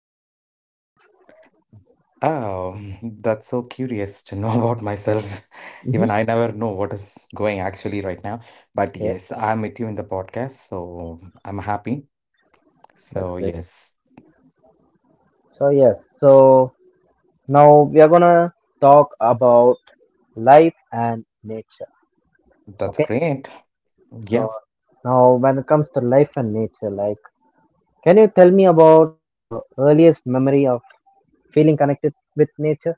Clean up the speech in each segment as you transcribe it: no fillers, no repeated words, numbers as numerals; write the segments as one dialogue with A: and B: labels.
A: how's life going?
B: Oh, that's so curious to know about myself.
A: hmm
B: Even I never know what is going actually right now. But
A: Okay,
B: yes, I'm with you in the podcast, so I'm happy.
A: that's
B: So,
A: great.
B: yes,
A: So yes, so now we are gonna talk about life and nature.
B: that's
A: Okay,
B: great.
A: so
B: Yeah.
A: now when it comes to life and nature. Can you tell me about your earliest memory of feeling connected with nature?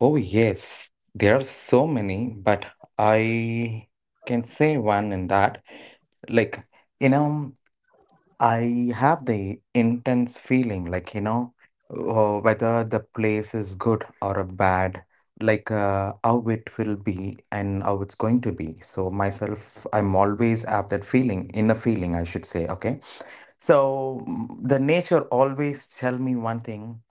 B: Oh, yes, there are so many, but I can say one in that. Like, you know. I have the intense feeling, like, whether the place is good or a bad, like how it will be and how it's going to be. So myself, I'm always have that feeling, inner feeling, I should say. Okay. So the nature always tell me one thing.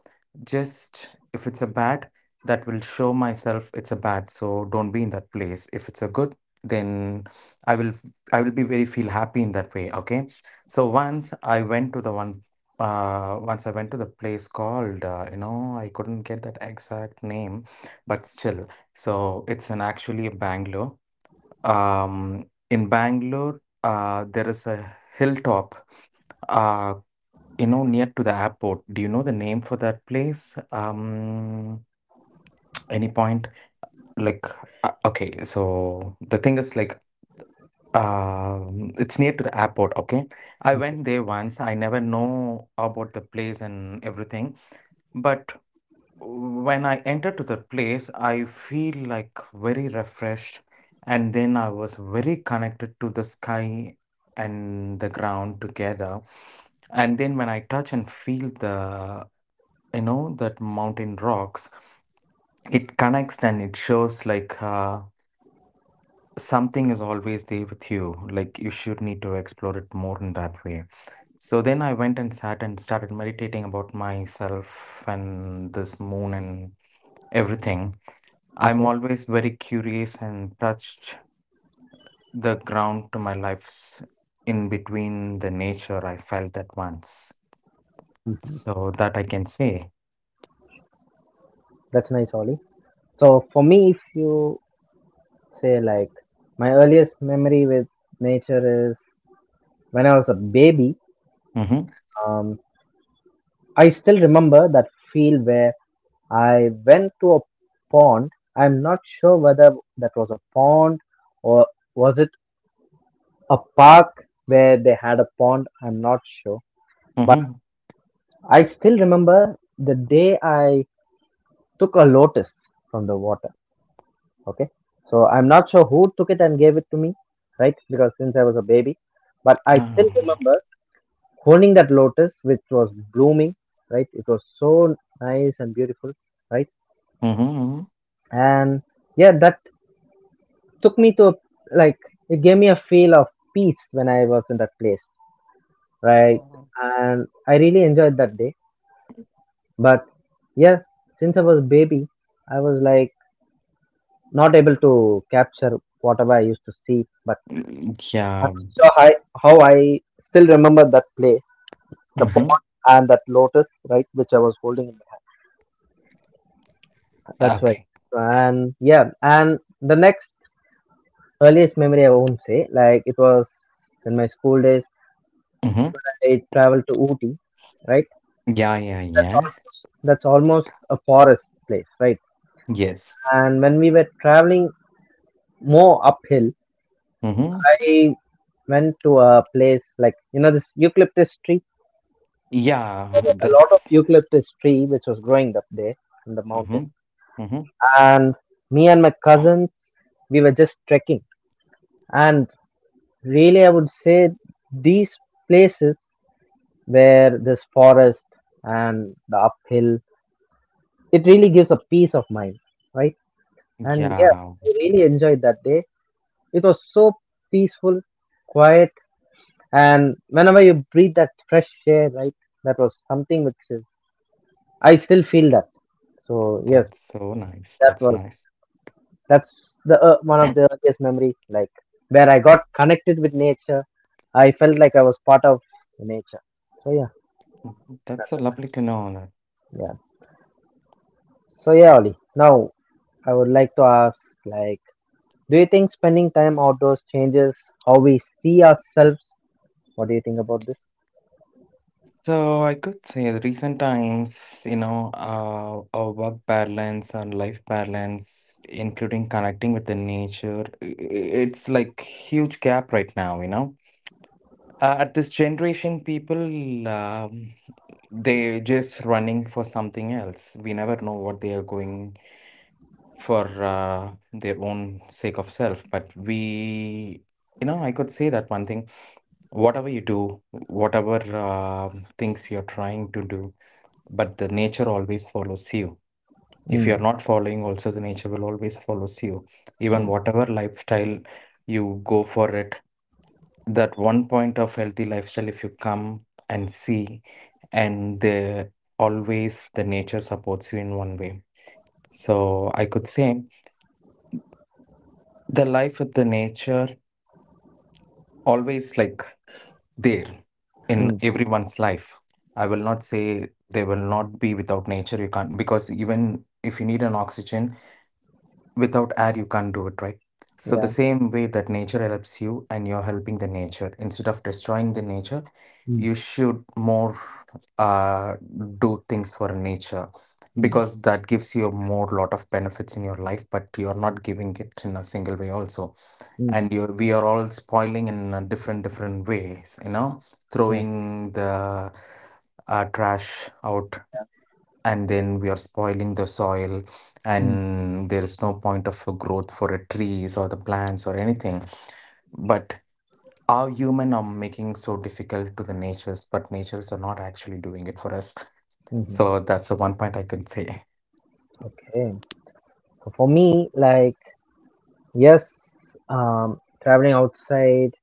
B: Just if it's a bad, that will show myself it's a bad, so don't be in that place. If it's a good, then I will I will be very feel happy in that way. Okay. So once I went to the place called I couldn't get that exact name, but still. So it's an actually a Bangalore. Um in Bangalore there is a hilltop, uh you know, near to the airport. Do you know the name for that place? Any point? Like, okay, so the thing is like, it's near to the airport. Okay, I went there once. I never know about the place and everything, but when I entered to the place, I feel like very refreshed, and then I was very connected to the sky and the ground together. And then when I touch and feel the, that mountain rocks, it connects and it shows like, something is always there with you, like you should need to explore it more in that way. So then I went and sat and started meditating about myself and this moon and everything. I'm
A: Okay,
B: always very curious and touched the ground to my life's in between the nature, I felt that once,
A: hmm
B: so that I can say.
A: that's nice, Ollie. So, for me, if you say like my earliest memory with nature is when I was a baby.
B: Mm-hmm,
A: um, I still remember that feel where I went to a pond. I'm not sure whether that was a pond or was it a park where they had a pond. I'm not sure. But
B: mm-hmm,
A: I still remember the day I took a lotus from the water. Okay, so I'm not sure who took it and gave it to me, right? Because since I was a baby, but I still
B: um,
A: remember holding that lotus, which was blooming, right? It was so nice and beautiful, right?
B: mm-hmm.
A: And yeah, that took me to a, like it gave me a feel of peace when I was in that place, right?
B: Mm-hmm.
A: And I really enjoyed that day. But yeah, since I was a baby, I was like not able to capture whatever I used to see. But
B: Mm,
A: I'm
B: yeah.
A: not sure how I still remember that place, the
B: Mhm.
A: pond and that lotus, right, which I was holding in my hand. That's right.
B: Okay.
A: And yeah, and the next earliest memory I won't say, like it was in my school days,
B: Mhm.
A: I traveled to Ooty, right?
B: Yeah, yeah, yeah.
A: That's almost a forest place, right?
B: Yes.
A: And when we were traveling more uphill,
B: Mhm.
A: I went to a place like, you know, this eucalyptus tree.
B: Yeah,
A: A lot of
B: that's
A: eucalyptus tree which was growing up there in the mountain.
B: mhm. Mhm.
A: And me and my cousins, we were just trekking. And really, I would say these places where this forest and the uphill, it really gives a peace of mind, right? And yeah,
B: Yeah,
A: I really enjoyed that day. It was so peaceful, quiet, and whenever you breathe that fresh air, right, that was something which is, I still feel that. So, yes,
B: that's so nice.
A: that
B: That's so
A: was
B: nice.
A: That's the one of the earliest memory, like where I got connected with nature. I felt like I was part of nature. So yeah,
B: That's so
A: that's okay.
B: lovely to know that.
A: Yeah. So yeah, Ollie. Now I would like to ask, like, do you think spending time outdoors changes how we see ourselves? What do you think about this?
B: So I could say the recent times, you know, our work balance and life balance, including connecting with the nature, it's like huge gap right now, you know. At this generation, people, they just running for something else. We never know what they are going for, their own sake of self. But we, you know, I could say that one thing. Whatever you do, whatever things you're trying to do, but the nature always follows you. If you're
A: Mm,
B: not following, also the nature will always follows you. Even
A: mm,
B: whatever lifestyle you go for it, that one point of healthy lifestyle, if you come and see, and the always the nature supports you in one way. So I could say the life with the nature always, like, there in
A: mm,
B: everyone's life. I will not say they will not be without nature, you can't, because even if you need an oxygen, without air you can't do it, right? So the
A: yeah.
B: same way that nature helps you and you're helping the nature instead of destroying the nature,
A: Mm,
B: you should more, uh, do things for nature,
A: mm,
B: because that gives you a more lot of benefits in your life, but you're not giving it in a single way also.
A: mm,
B: And you we are all spoiling in a different different ways, you know,
A: yeah.
B: throwing the, trash out, and then we are spoiling the soil,
A: Mm,
B: and there is no point of growth for the trees or the plants or anything. But our human are making so difficult to the natures, but natures are not actually doing it for us.
A: hmm
B: So that's the one point I can say.
A: Okay. So for me, like, yes, traveling outside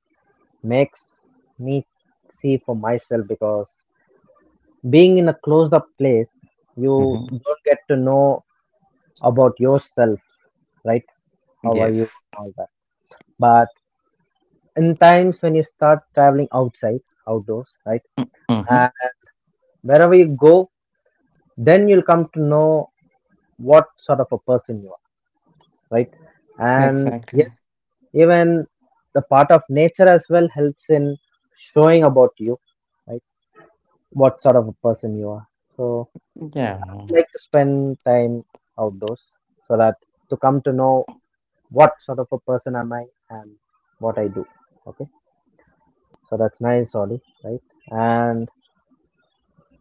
A: makes me see for myself because being in a closed up place, you
B: Hmm.
A: don't get to know about yourself, right? How are you,
B: Yes.
A: all that. But in times when you start traveling outside, outdoors, right?
B: Hmm.
A: And wherever you go, then you'll come to know what sort of a person you are, right? And
B: Exactly.
A: yes, even the part of nature as well helps in showing about you, right? What sort of a person you are. So
B: Yeah.
A: like to spend time outdoors so that to come to know what sort of a person am I and what I do. Okay, so that's nice, Ollie, right? And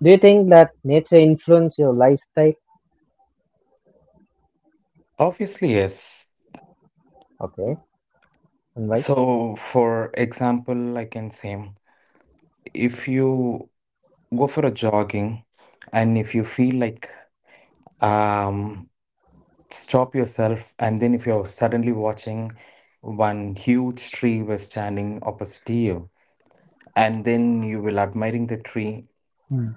A: do you think that nature influence your lifestyle?
B: Obviously yes.
A: Okay, and why?
B: So for example I can say, if you go for a jogging and if you feel like, um stop yourself, and then if you're suddenly watching one huge tree was standing opposite to you, and then you will admiring the tree,
A: Mm.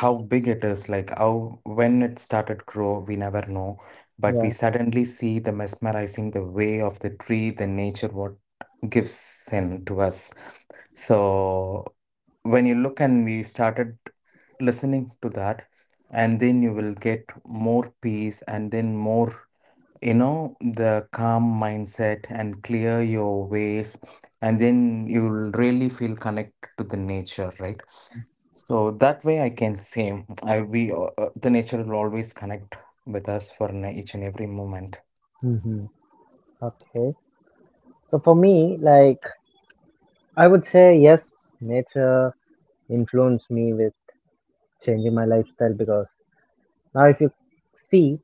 B: how big it is, like how when it started grow we never know, but we
A: Yeah.
B: suddenly see the mesmerizing the way of the tree, the nature what gives in to us. So when you look and we started listening to that, and then you will get more peace and then more, you know, the calm mindset and clear your ways, and then you'll really feel connected to the nature, right? So that way I can say I we the nature will always connect with us for each and every moment.
A: Mm-hmm. Okay. So for me, like I would say yes, nature influenced me with changing my lifestyle because now if you see,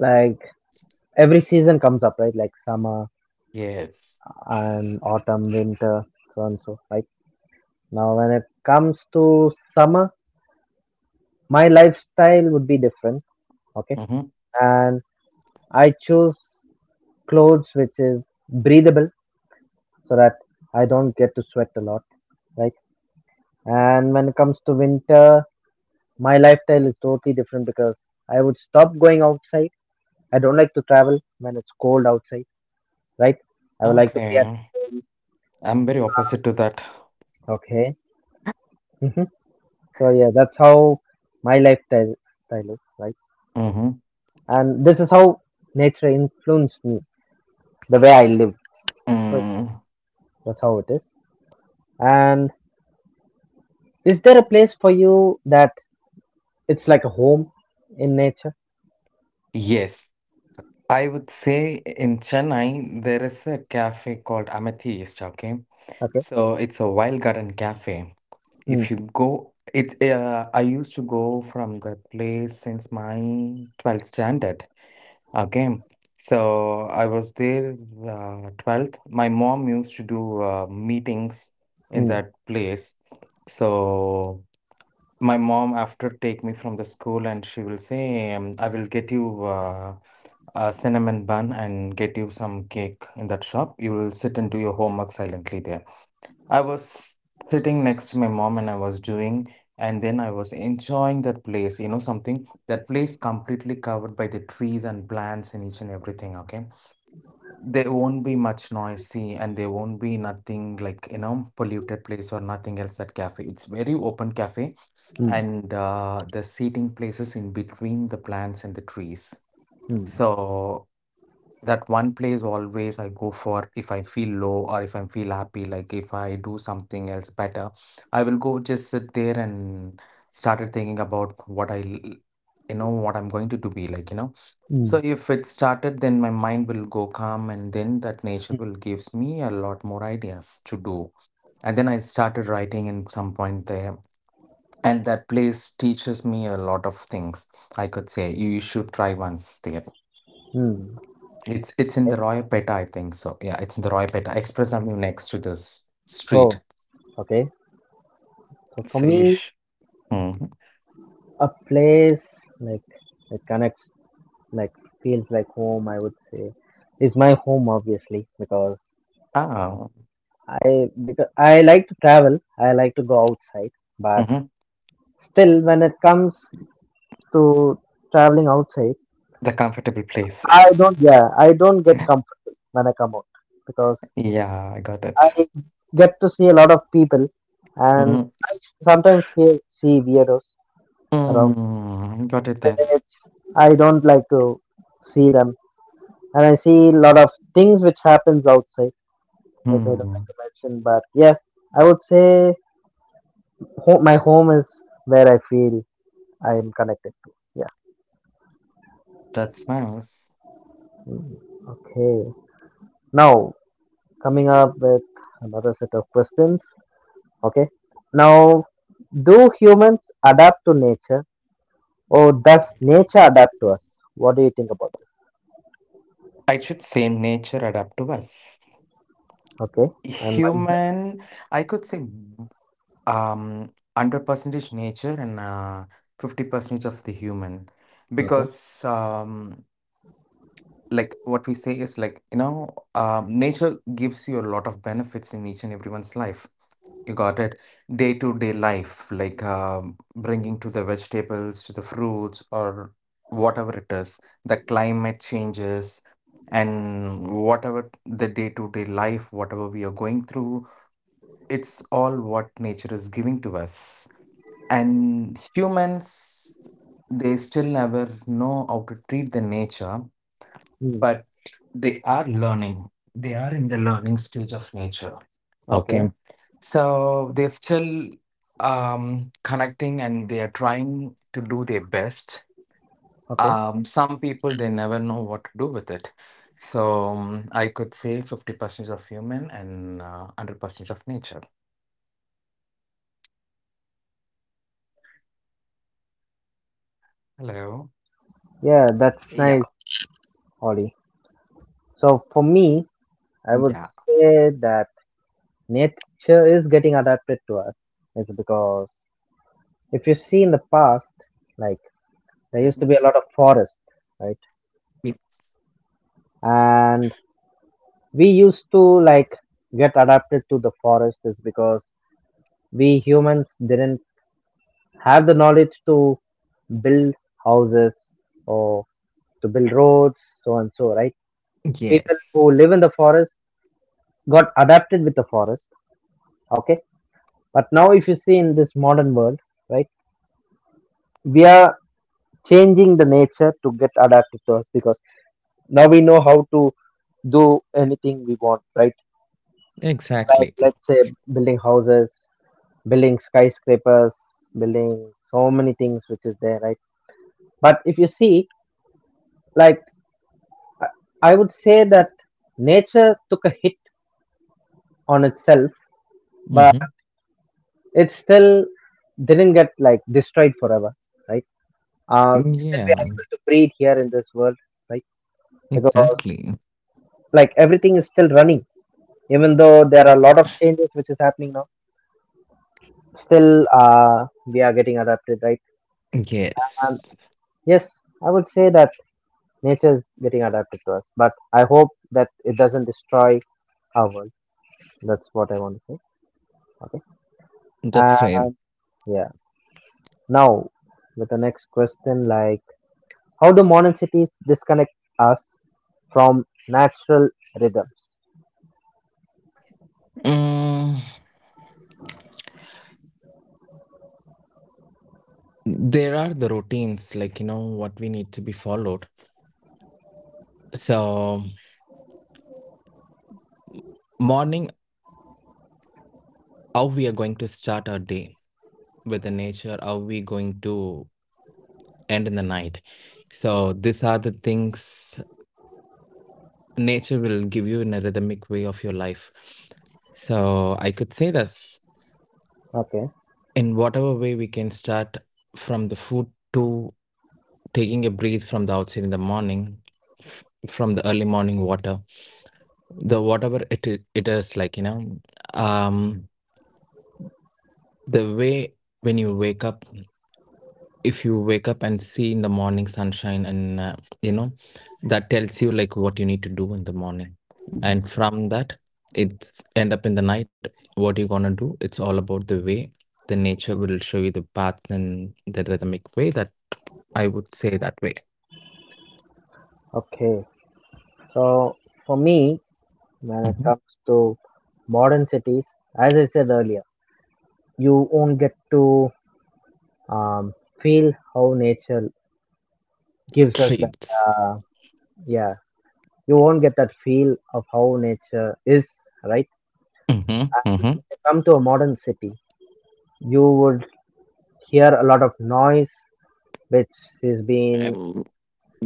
A: like every season comes up, right? Like summer,
B: Yes.
A: and autumn, winter, so on and so. Right now, when it comes to summer, my lifestyle would be different. Okay,
B: Mm-hmm.
A: and I choose clothes which is breathable so that I don't get to sweat a lot. Right, and when it comes to winter, my lifestyle is totally different because I would stop going outside. I don't like to travel when it's cold outside. Right, I would like to be at
B: Okay. I'm very opposite to that.
A: okay. hmm So yeah, that's how my lifestyle style is. Right.
B: Mm-hmm.
A: And this is how nature influenced me the way I live. So
B: Mm.
A: that's how it is. And is there a place for you that it's like a home in nature?
B: Yes, I would say in Chennai there is a cafe called Amethyst. Okay.
A: Okay.
B: So it's a wild garden cafe. If
A: mm,
B: you go, it, I used to go from the place since my 12th standard. Okay, so I was there, 12th. My mom used to do, meetings in
A: mm,
B: that place. So my mom after take me from the school and she will say, I will get you, a cinnamon bun and get you some cake in that shop. You will sit and do your homework silently there. I was sitting next to my mom and I was doing, and then I was enjoying that place. You know, something that place completely covered by the trees and plants and each and everything. Okay, there won't be much noisy and there won't be nothing like, you know, polluted place or nothing else. That cafe, it's very open cafe,
A: mm,
B: and the seating places in between the plants and the trees.
A: mm,
B: So that one place always I go for if I feel low or if I feel happy, like if I do something else better, I will go just sit there and started thinking about what you know, what I'm going to do be like, you know. So
A: mm,
B: if it started, then my mind will go calm, and then that nature will gives me a lot more ideas to do. And then I started writing in some point there, and that place teaches me a lot of things. I could say you should try once there.
A: mm.
B: It's in
A: Okay.
B: the Royapettah, I think so. Yeah, it's in the Royapettah Express Avenue next to this street.
A: oh okay, so for me
B: Saish. Mm-hmm.
A: a place like it connects like feels like home I would say is my home obviously because
B: Ah,
A: I because I like to travel, I like to go outside, but
B: hmm.
A: still when it comes to traveling outside,
B: The comfortable place.
A: I don't, yeah, I don't get comfortable when I come out because
B: Yeah, I got it.
A: I get to see a lot of people and
B: Mm-hmm.
A: I sometimes see weirdos around.
B: Mm, got it then.
A: It's, I don't like to see them and I see a lot of things which happens outside, which I don't like
B: Hmm.
A: to mention, but yeah, I would say my home is where I feel I am connected to. Yeah.
B: That's nice.
A: Okay. Now, coming up with another set of questions. Okay. Now, do humans adapt to nature, or does nature adapt to us? What do you think about this?
B: I should say nature adapt to us.
A: Okay. And
B: Human, I could say um 100 percentage nature and 50 percentage of the human,
A: Okay.
B: because like what we say is like, you know, nature gives you a lot of benefits in each and everyone's life, you got it, day to day life, like, bringing to the vegetables to the fruits or whatever it is, the climate changes, and whatever the day to day life whatever we are going through, it's all what nature is giving to us. And humans, they still never know how to treat the nature,
A: Hmm.
B: but they are learning. They are in the learning stage of nature.
A: Okay.
B: Okay. So they're still, connecting and they are trying to do their best.
A: Okay.
B: Some people, they never know what to do with it. So, I could say 50% of human and, 100% of nature. Hello.
A: Yeah, that's
B: Yeah.
A: nice, Ollie. So for me, I would
B: Yeah.
A: say that nature is getting adapted to us. It's because if you see in the past, like there used to
B: Mhm.
A: be a lot of forest, right?
B: Y-.
A: And we used to like get adapted to the forest is because we humans didn't have the knowledge to build houses or to build roads, so and so, right? People
B: Yes.
A: who live in the forest got adapted with the forest, okay? But now, if you see in this modern world, right, we are changing the nature to get adapted to us because now we know how to do anything we want, right? Like,
B: Exactly.
A: let's say, building houses, building skyscrapers, building so many things which is there, right? But if you see, like I would say that nature took a hit on itself, but
B: Hmm.
A: it still didn't get like destroyed forever, right? Still we
B: Yeah.
A: are able to breathe here in this world, right? Because
B: Exactly.
A: like everything is still running, even though there are a lot of changes which is happening now. Still, we are getting adapted, right? And
B: Yes.
A: yes, I would say that nature is getting adapted to us, but I hope that it doesn't destroy our world. That's what I want to say. Okay.
B: That's
A: Uh,
B: great.
A: yeah. Now, with the next question, like how do modern cities disconnect us from natural rhythms?
B: Mm, there are the routines, like, you know, what we need to be followed. So, morning, how we are going to start our day with the nature, how we going to end in the night. So, these are the things nature will give you in a rhythmic way of your life. So, I could say this,
A: Okay,
B: in whatever way we can start from the food to taking a breath from the outside in the morning, from the early morning water, the whatever it is, like, you know, um the way, when you wake up, if you wake up and see in the morning sunshine and, you know, that tells you like what you need to do in the morning, and from that it's end up in the night what you're gonna do. It's all about the way the nature will show you the path and the rhythmic way, that I would say that way.
A: okay. So for me, when it
B: Hmm.
A: comes to modern cities, as I said earlier, you won't get to um, feel how nature gives us that.
B: Treats.
A: Uh, yeah, you won't get that feel of how nature is, right?
B: Hmm.
A: And when
B: Hmm.
A: you come to a modern city, you would hear a lot of noise which is been
B: um,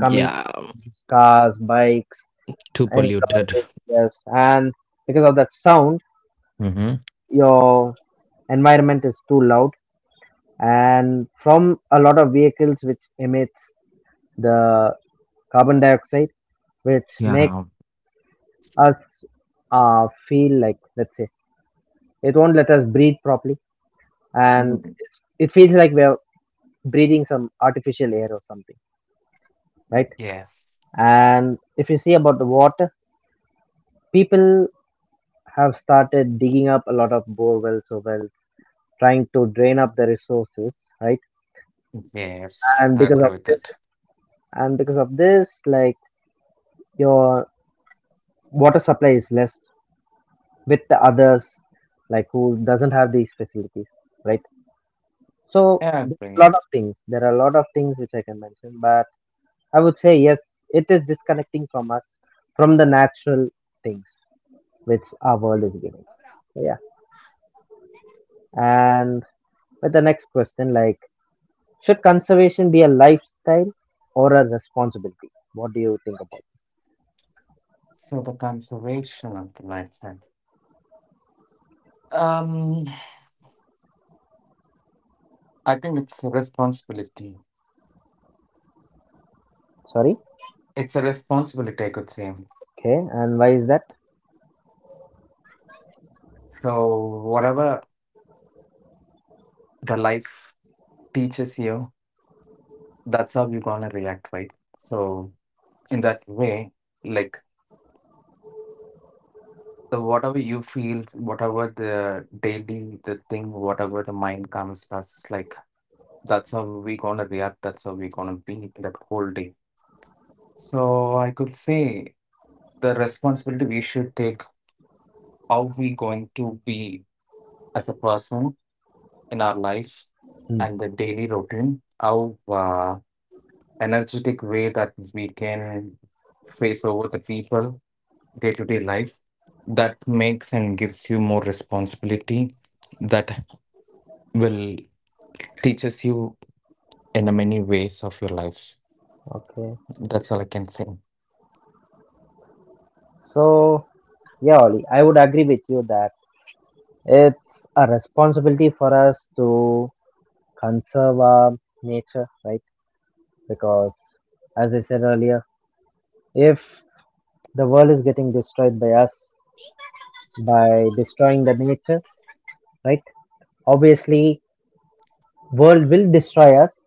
A: coming from these cars, bikes,
B: Too
A: any car
B: polluted.
A: is yes. And because of that sound,
B: Hmm.
A: your environment is too loud, and from a lot of vehicles which emits the carbon dioxide, which make
B: Yeah.
A: us feel like let's say it won't let us breathe properly, and
B: Mm,
A: it feels like we're breathing some artificial air or something, right?
B: yes,
A: And if you see about the water, people have started digging up a lot of bore wells or wells, trying to drain up the resources, right?
B: yes,
A: And
B: I agree with that.
A: because of this, like your water supply is less with the others, like who doesn't have these facilities, right?
B: I
A: So
B: agree.
A: There are a lot of things which I can mention, but I would say yes, it is disconnecting from us, from the natural things which our world is giving. So, yeah, and with the next question, like should conservation be a lifestyle or a responsibility? What do you think about this?
B: So the conservation of the lifestyle. Um, I think it's a responsibility.
A: Sorry.
B: It's a responsibility, I could say.
A: Okay. And why is that?
B: So whatever the life teaches you, that's how you're gonna react, right? So in that way, like the whatever you feel, whatever the daily the thing, whatever the mind comes to us, that's how we gonna react, that's how we gonna be that whole day. So I could say the responsibility we should take, how we going to be as a person in our life
A: Hmm.
B: and the daily routine, how energetic way that we can face over the people day to day life. That makes and gives you more responsibility that will teaches you in a many ways of your life.
A: Okay.
B: That's all I can say.
A: So yeah, Ollie, I would agree with you that it's a responsibility for us to conserve our nature, right? Because as I said earlier, if the world is getting destroyed by us by destroying the nature, right? Obviously, world will destroy us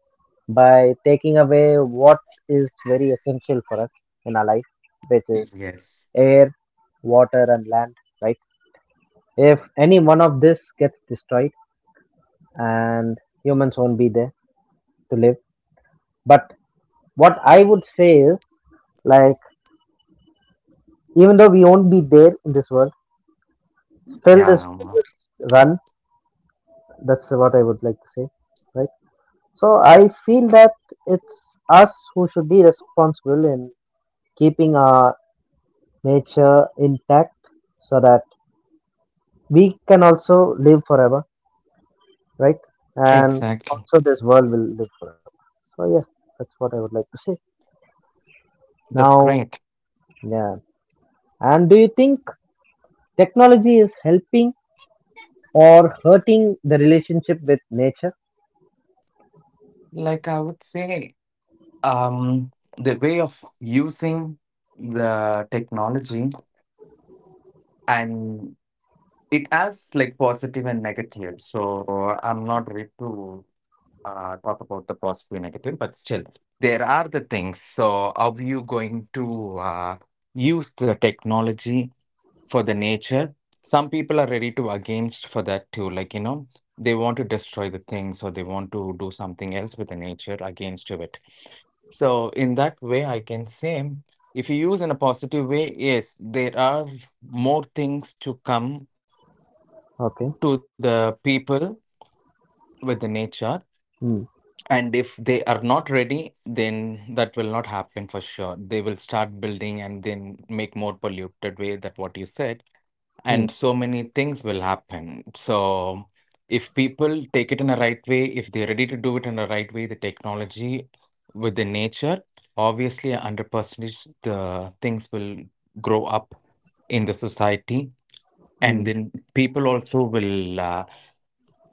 A: by taking away what is very essential for us in our life, which is
B: Yes.
A: air, water, and land. Right? If any one of this gets destroyed, and humans won't be there to live. But what I would say is, like, even though we won't be there in this world, still this
B: Yeah.
A: will run. That's what I would like to say, right? So I feel that it's us who should be responsible in keeping our nature intact so that we can also live forever, right? And
B: Exactly.
A: also this world will live forever. So yeah, that's what I would like to say.
B: That's
A: Now,
B: great.
A: yeah. And do you think technology is helping or hurting the relationship with nature?
B: Like I would say, um, the way of using the technology and it has like positive and negative. So I'm not ready to talk about the positive and negative, but still, there are the things. So how you going to use the technology for the nature. Some people are ready to against for that too. Like, you know, they want to destroy the things or they want to do something else with the nature against to it. So in that way, I can say if you use in a positive way, yes, there are more things to come to the
A: Okay.
B: people with the nature.
A: Hmm.
B: And if they are not ready, then that will not happen for sure. They will start building and then make more polluted way that what you said
A: Hmm.
B: and so many things will happen. So, if people take it in a right way, if they're ready to do it in a right way, the technology with the nature, obviously, under percent the things will grow up in the society. And
A: mm.
B: then people also will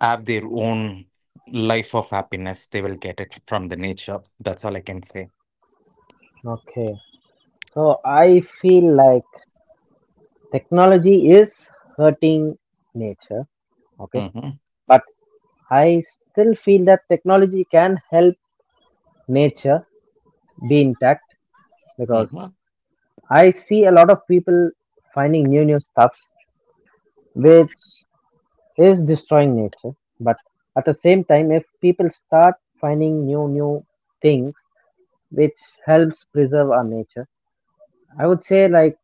B: have their own life of happiness. They will get it from the nature. That's all I can say.
A: Okay. So I feel like technology is hurting nature. Okay.
B: hmm
A: But I still feel that technology can help nature be intact because
B: hmm
A: I see a lot of people finding new stuffs which is destroying nature. But at the same time, if people start finding new things which helps preserve our nature, I would say, like,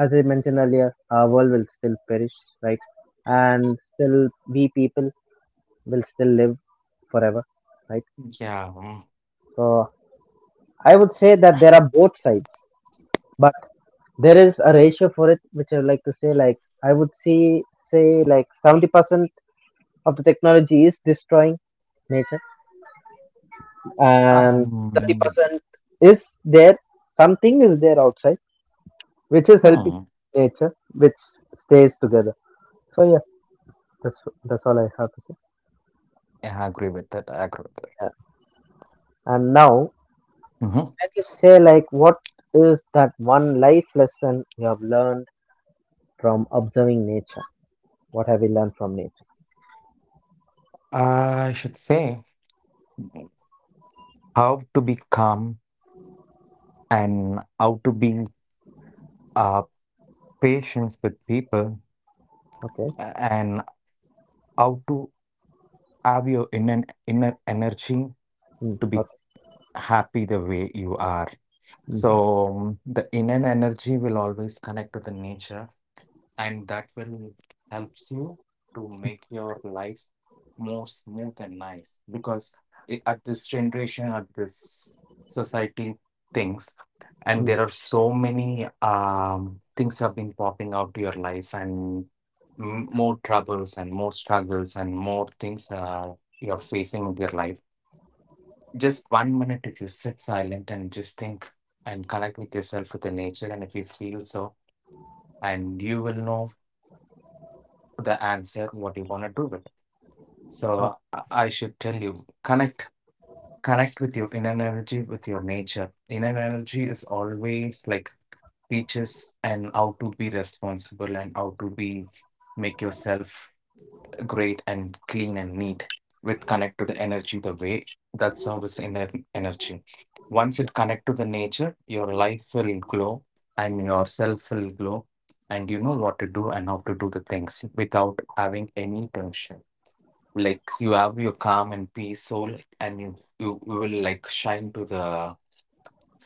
A: as I mentioned earlier, our world will still perish, right? And still we people will still live forever, right?
B: Yeah.
A: So I would say that there are both sides, but there is a ratio for it, which I would like to say, like, I would see, say, like 70% of the technology is destroying nature, and
B: Um,
A: 30% is there, something is there outside which is helping
B: hmm,
A: nature, which stays together. So yeah, that's that's all I have to say.
B: Yeah, I agree with that. I agree with that.
A: Yeah. And now,
B: Mm-hmm.
A: can you say, like, what is that one life lesson you have learned from observing nature? What have you learned from nature?
B: I should say how to be calm and how to be uh, patient with people
A: Okay.
B: and how to have your inner energy
A: Mm,
B: to be
A: okay.
B: happy the way you are. So
A: Mhm.
B: the inner energy will always connect to the nature and that will helps you to make your life more smooth and nice because at this generation at this society things and there are so many things have been popping out to your life and more troubles and more struggles and more things you're facing in your life just 1 minute if you sit silent and just think and connect with yourself with the nature and if you feel so and you will know the answer what you want to do with it so
A: Not,
B: I should tell you connect connect with your inner energy with your nature inner energy is always like teaches and how to be responsible and how to be make yourself great and clean and neat with connect to the energy the way that's how it's inner energy once it connect to the nature your life will glow and yourself will glow and you know what to do and how to do the things without having any tension like you have your calm and peace soul and you will like shine to the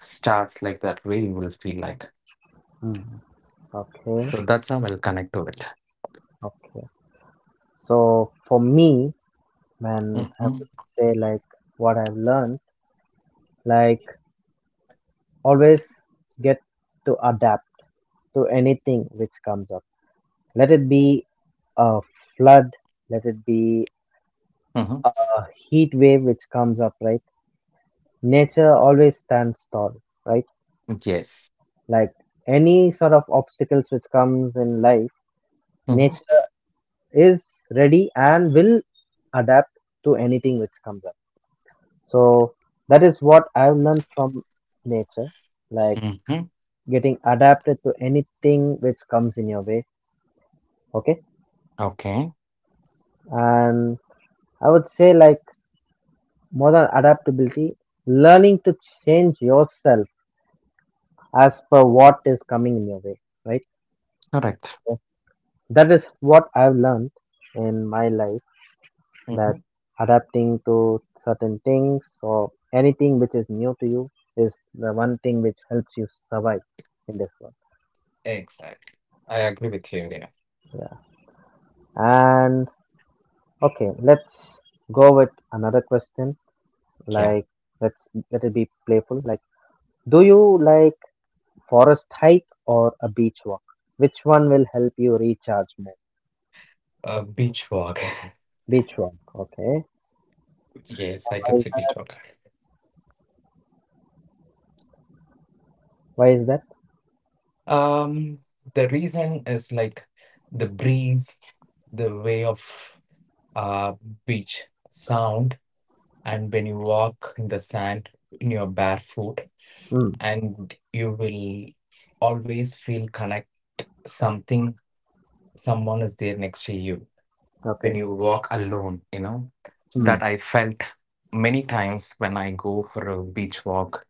B: stars like that way you will feel like
A: mm, okay,
B: so that's how I'll connect to it.
A: okay. So for me, man, I
B: Mm-hmm.
A: would say, like, what I've learned, like, always get to adapt to anything which comes up. Let it be a flood, let it be
B: Mm-hmm.
A: a heat wave which comes up, right? Nature always stands tall, right?
B: Yes.
A: Like any sort of obstacles which comes in life,
B: Mm-hmm.
A: nature is ready and will adapt to anything which comes up. So that is what I've learned from nature, like
B: Mm-hmm.
A: getting adapted to anything which comes in your way. Okay.
B: Okay.
A: And I would say, like, more than adaptability, learning to change yourself as per what is coming in your way, right?
B: Correct.
A: So that is what I've learned in my life,
B: Mm-hmm.
A: that adapting to certain things or anything which is new to you is the one thing which helps you survive in this world.
B: Exactly, I agree with you there.
A: Yeah. And okay, let's go with another question.
B: Yeah.
A: Like, let's let it be playful. Like, do you like forest hike or a beach walk? Which one will help you recharge more?
B: Beach walk.
A: Beach walk. Okay.
B: Yes, I could
A: Why is
B: say beach
A: that?
B: walk.
A: Why is that?
B: um the reason is like the breeze, the way of uh beach sound, and when you walk in the sand in your barefoot
A: Mm,
B: and you will always feel connect something, someone is there next to you when
A: okay.
B: you walk alone, you know,
A: Mm,
B: that I felt many times when I go for a beach walk,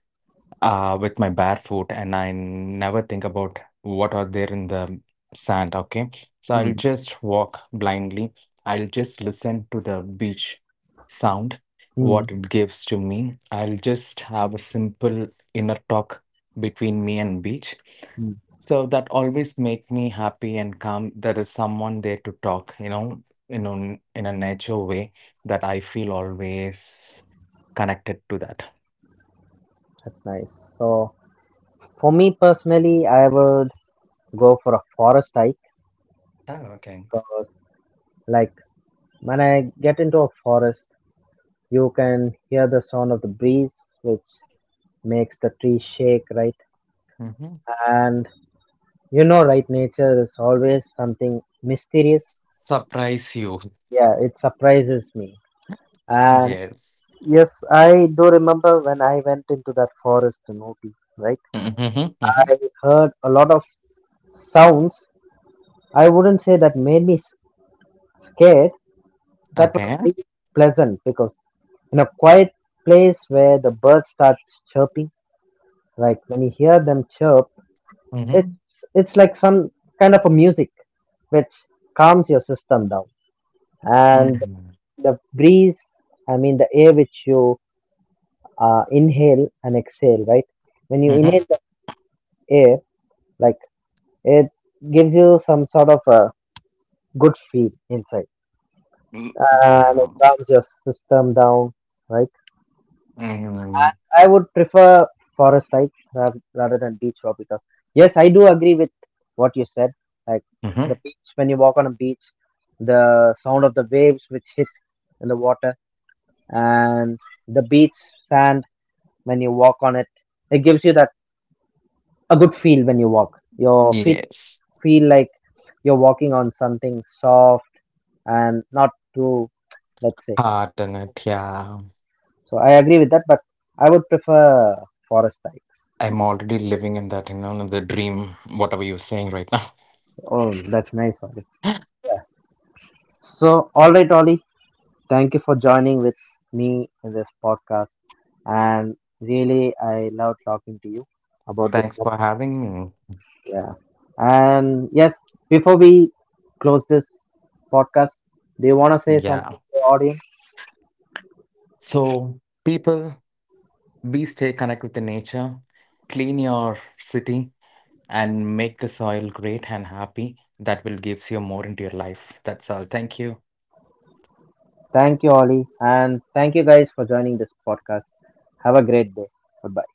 B: with my bare foot, and I never think about what are there in the sand. Okay. So I'll
A: mm,
B: just walk blindly. I'll just listen to the beach sound,
A: mm,
B: what it gives to me. I'll just have a simple inner talk between me and beach.
A: mm.
B: So that always make me happy and calm. There is someone there to talk, you know, in a nature way that I feel always connected to that.
A: That's nice. So, for me personally, I would go for a forest hike
B: Oh, okay.
A: because, like, when I get into a forest, you can hear the sound of the breeze, which makes the tree shake, right?
B: Mhm.
A: And you know, right, nature is always something mysterious.
B: Surprise you.
A: Yeah, it surprises me. And
B: Yes.
A: yes, I do remember when I went into that forest in Ooty, right?
B: Mhm, mhm.
A: I heard a lot of sounds. I wouldn't say that made me scared. That was
B: Okay.
A: really pleasant because in a quiet place where the birds start chirping, like when you hear them chirp,
B: Mhm.
A: it's like some kind of a music which calms your system down. And
B: Mhm.
A: the breeze, I mean the air which you inhale and exhale, right? When you
B: Mhm.
A: inhale the air, like it gives you some sort of a good feel inside,
B: Y-
A: and
B: Yeah.
A: it calms your system down, right?
B: Mhm.
A: And I would prefer forest types rather than beach raw because yes, I do agree with what you said. Like
B: Mhm.
A: the beach, when you walk on a beach, the sound of the waves which hits in the water, and the beach sand when you walk on it, it gives you that a good feel when you walk. Your feet
B: Yes.
A: feel like you're walking on something soft and not too, let's say.
B: Hard on it. Yeah.
A: So I agree with that, but I would prefer forest types.
B: I'm already living in that, you know, the dream, whatever you're saying right now.
A: Oh, that's nice, Ollie. So, all right, Ollie, thank you for joining with me in this podcast. And really, I love talking to you about this
B: Thanks for
A: topic.
B: having me.
A: Yeah. And yes, before we close this podcast, do you want to say something
B: Yeah.
A: to the audience?
B: So, people, be stay connected with the nature, clean your city, and make the soil great and happy. That will gives you more into your life. That's all. Thank you.
A: Thank you, Ollie. And thank you guys for joining this podcast. Have a great day. Goodbye.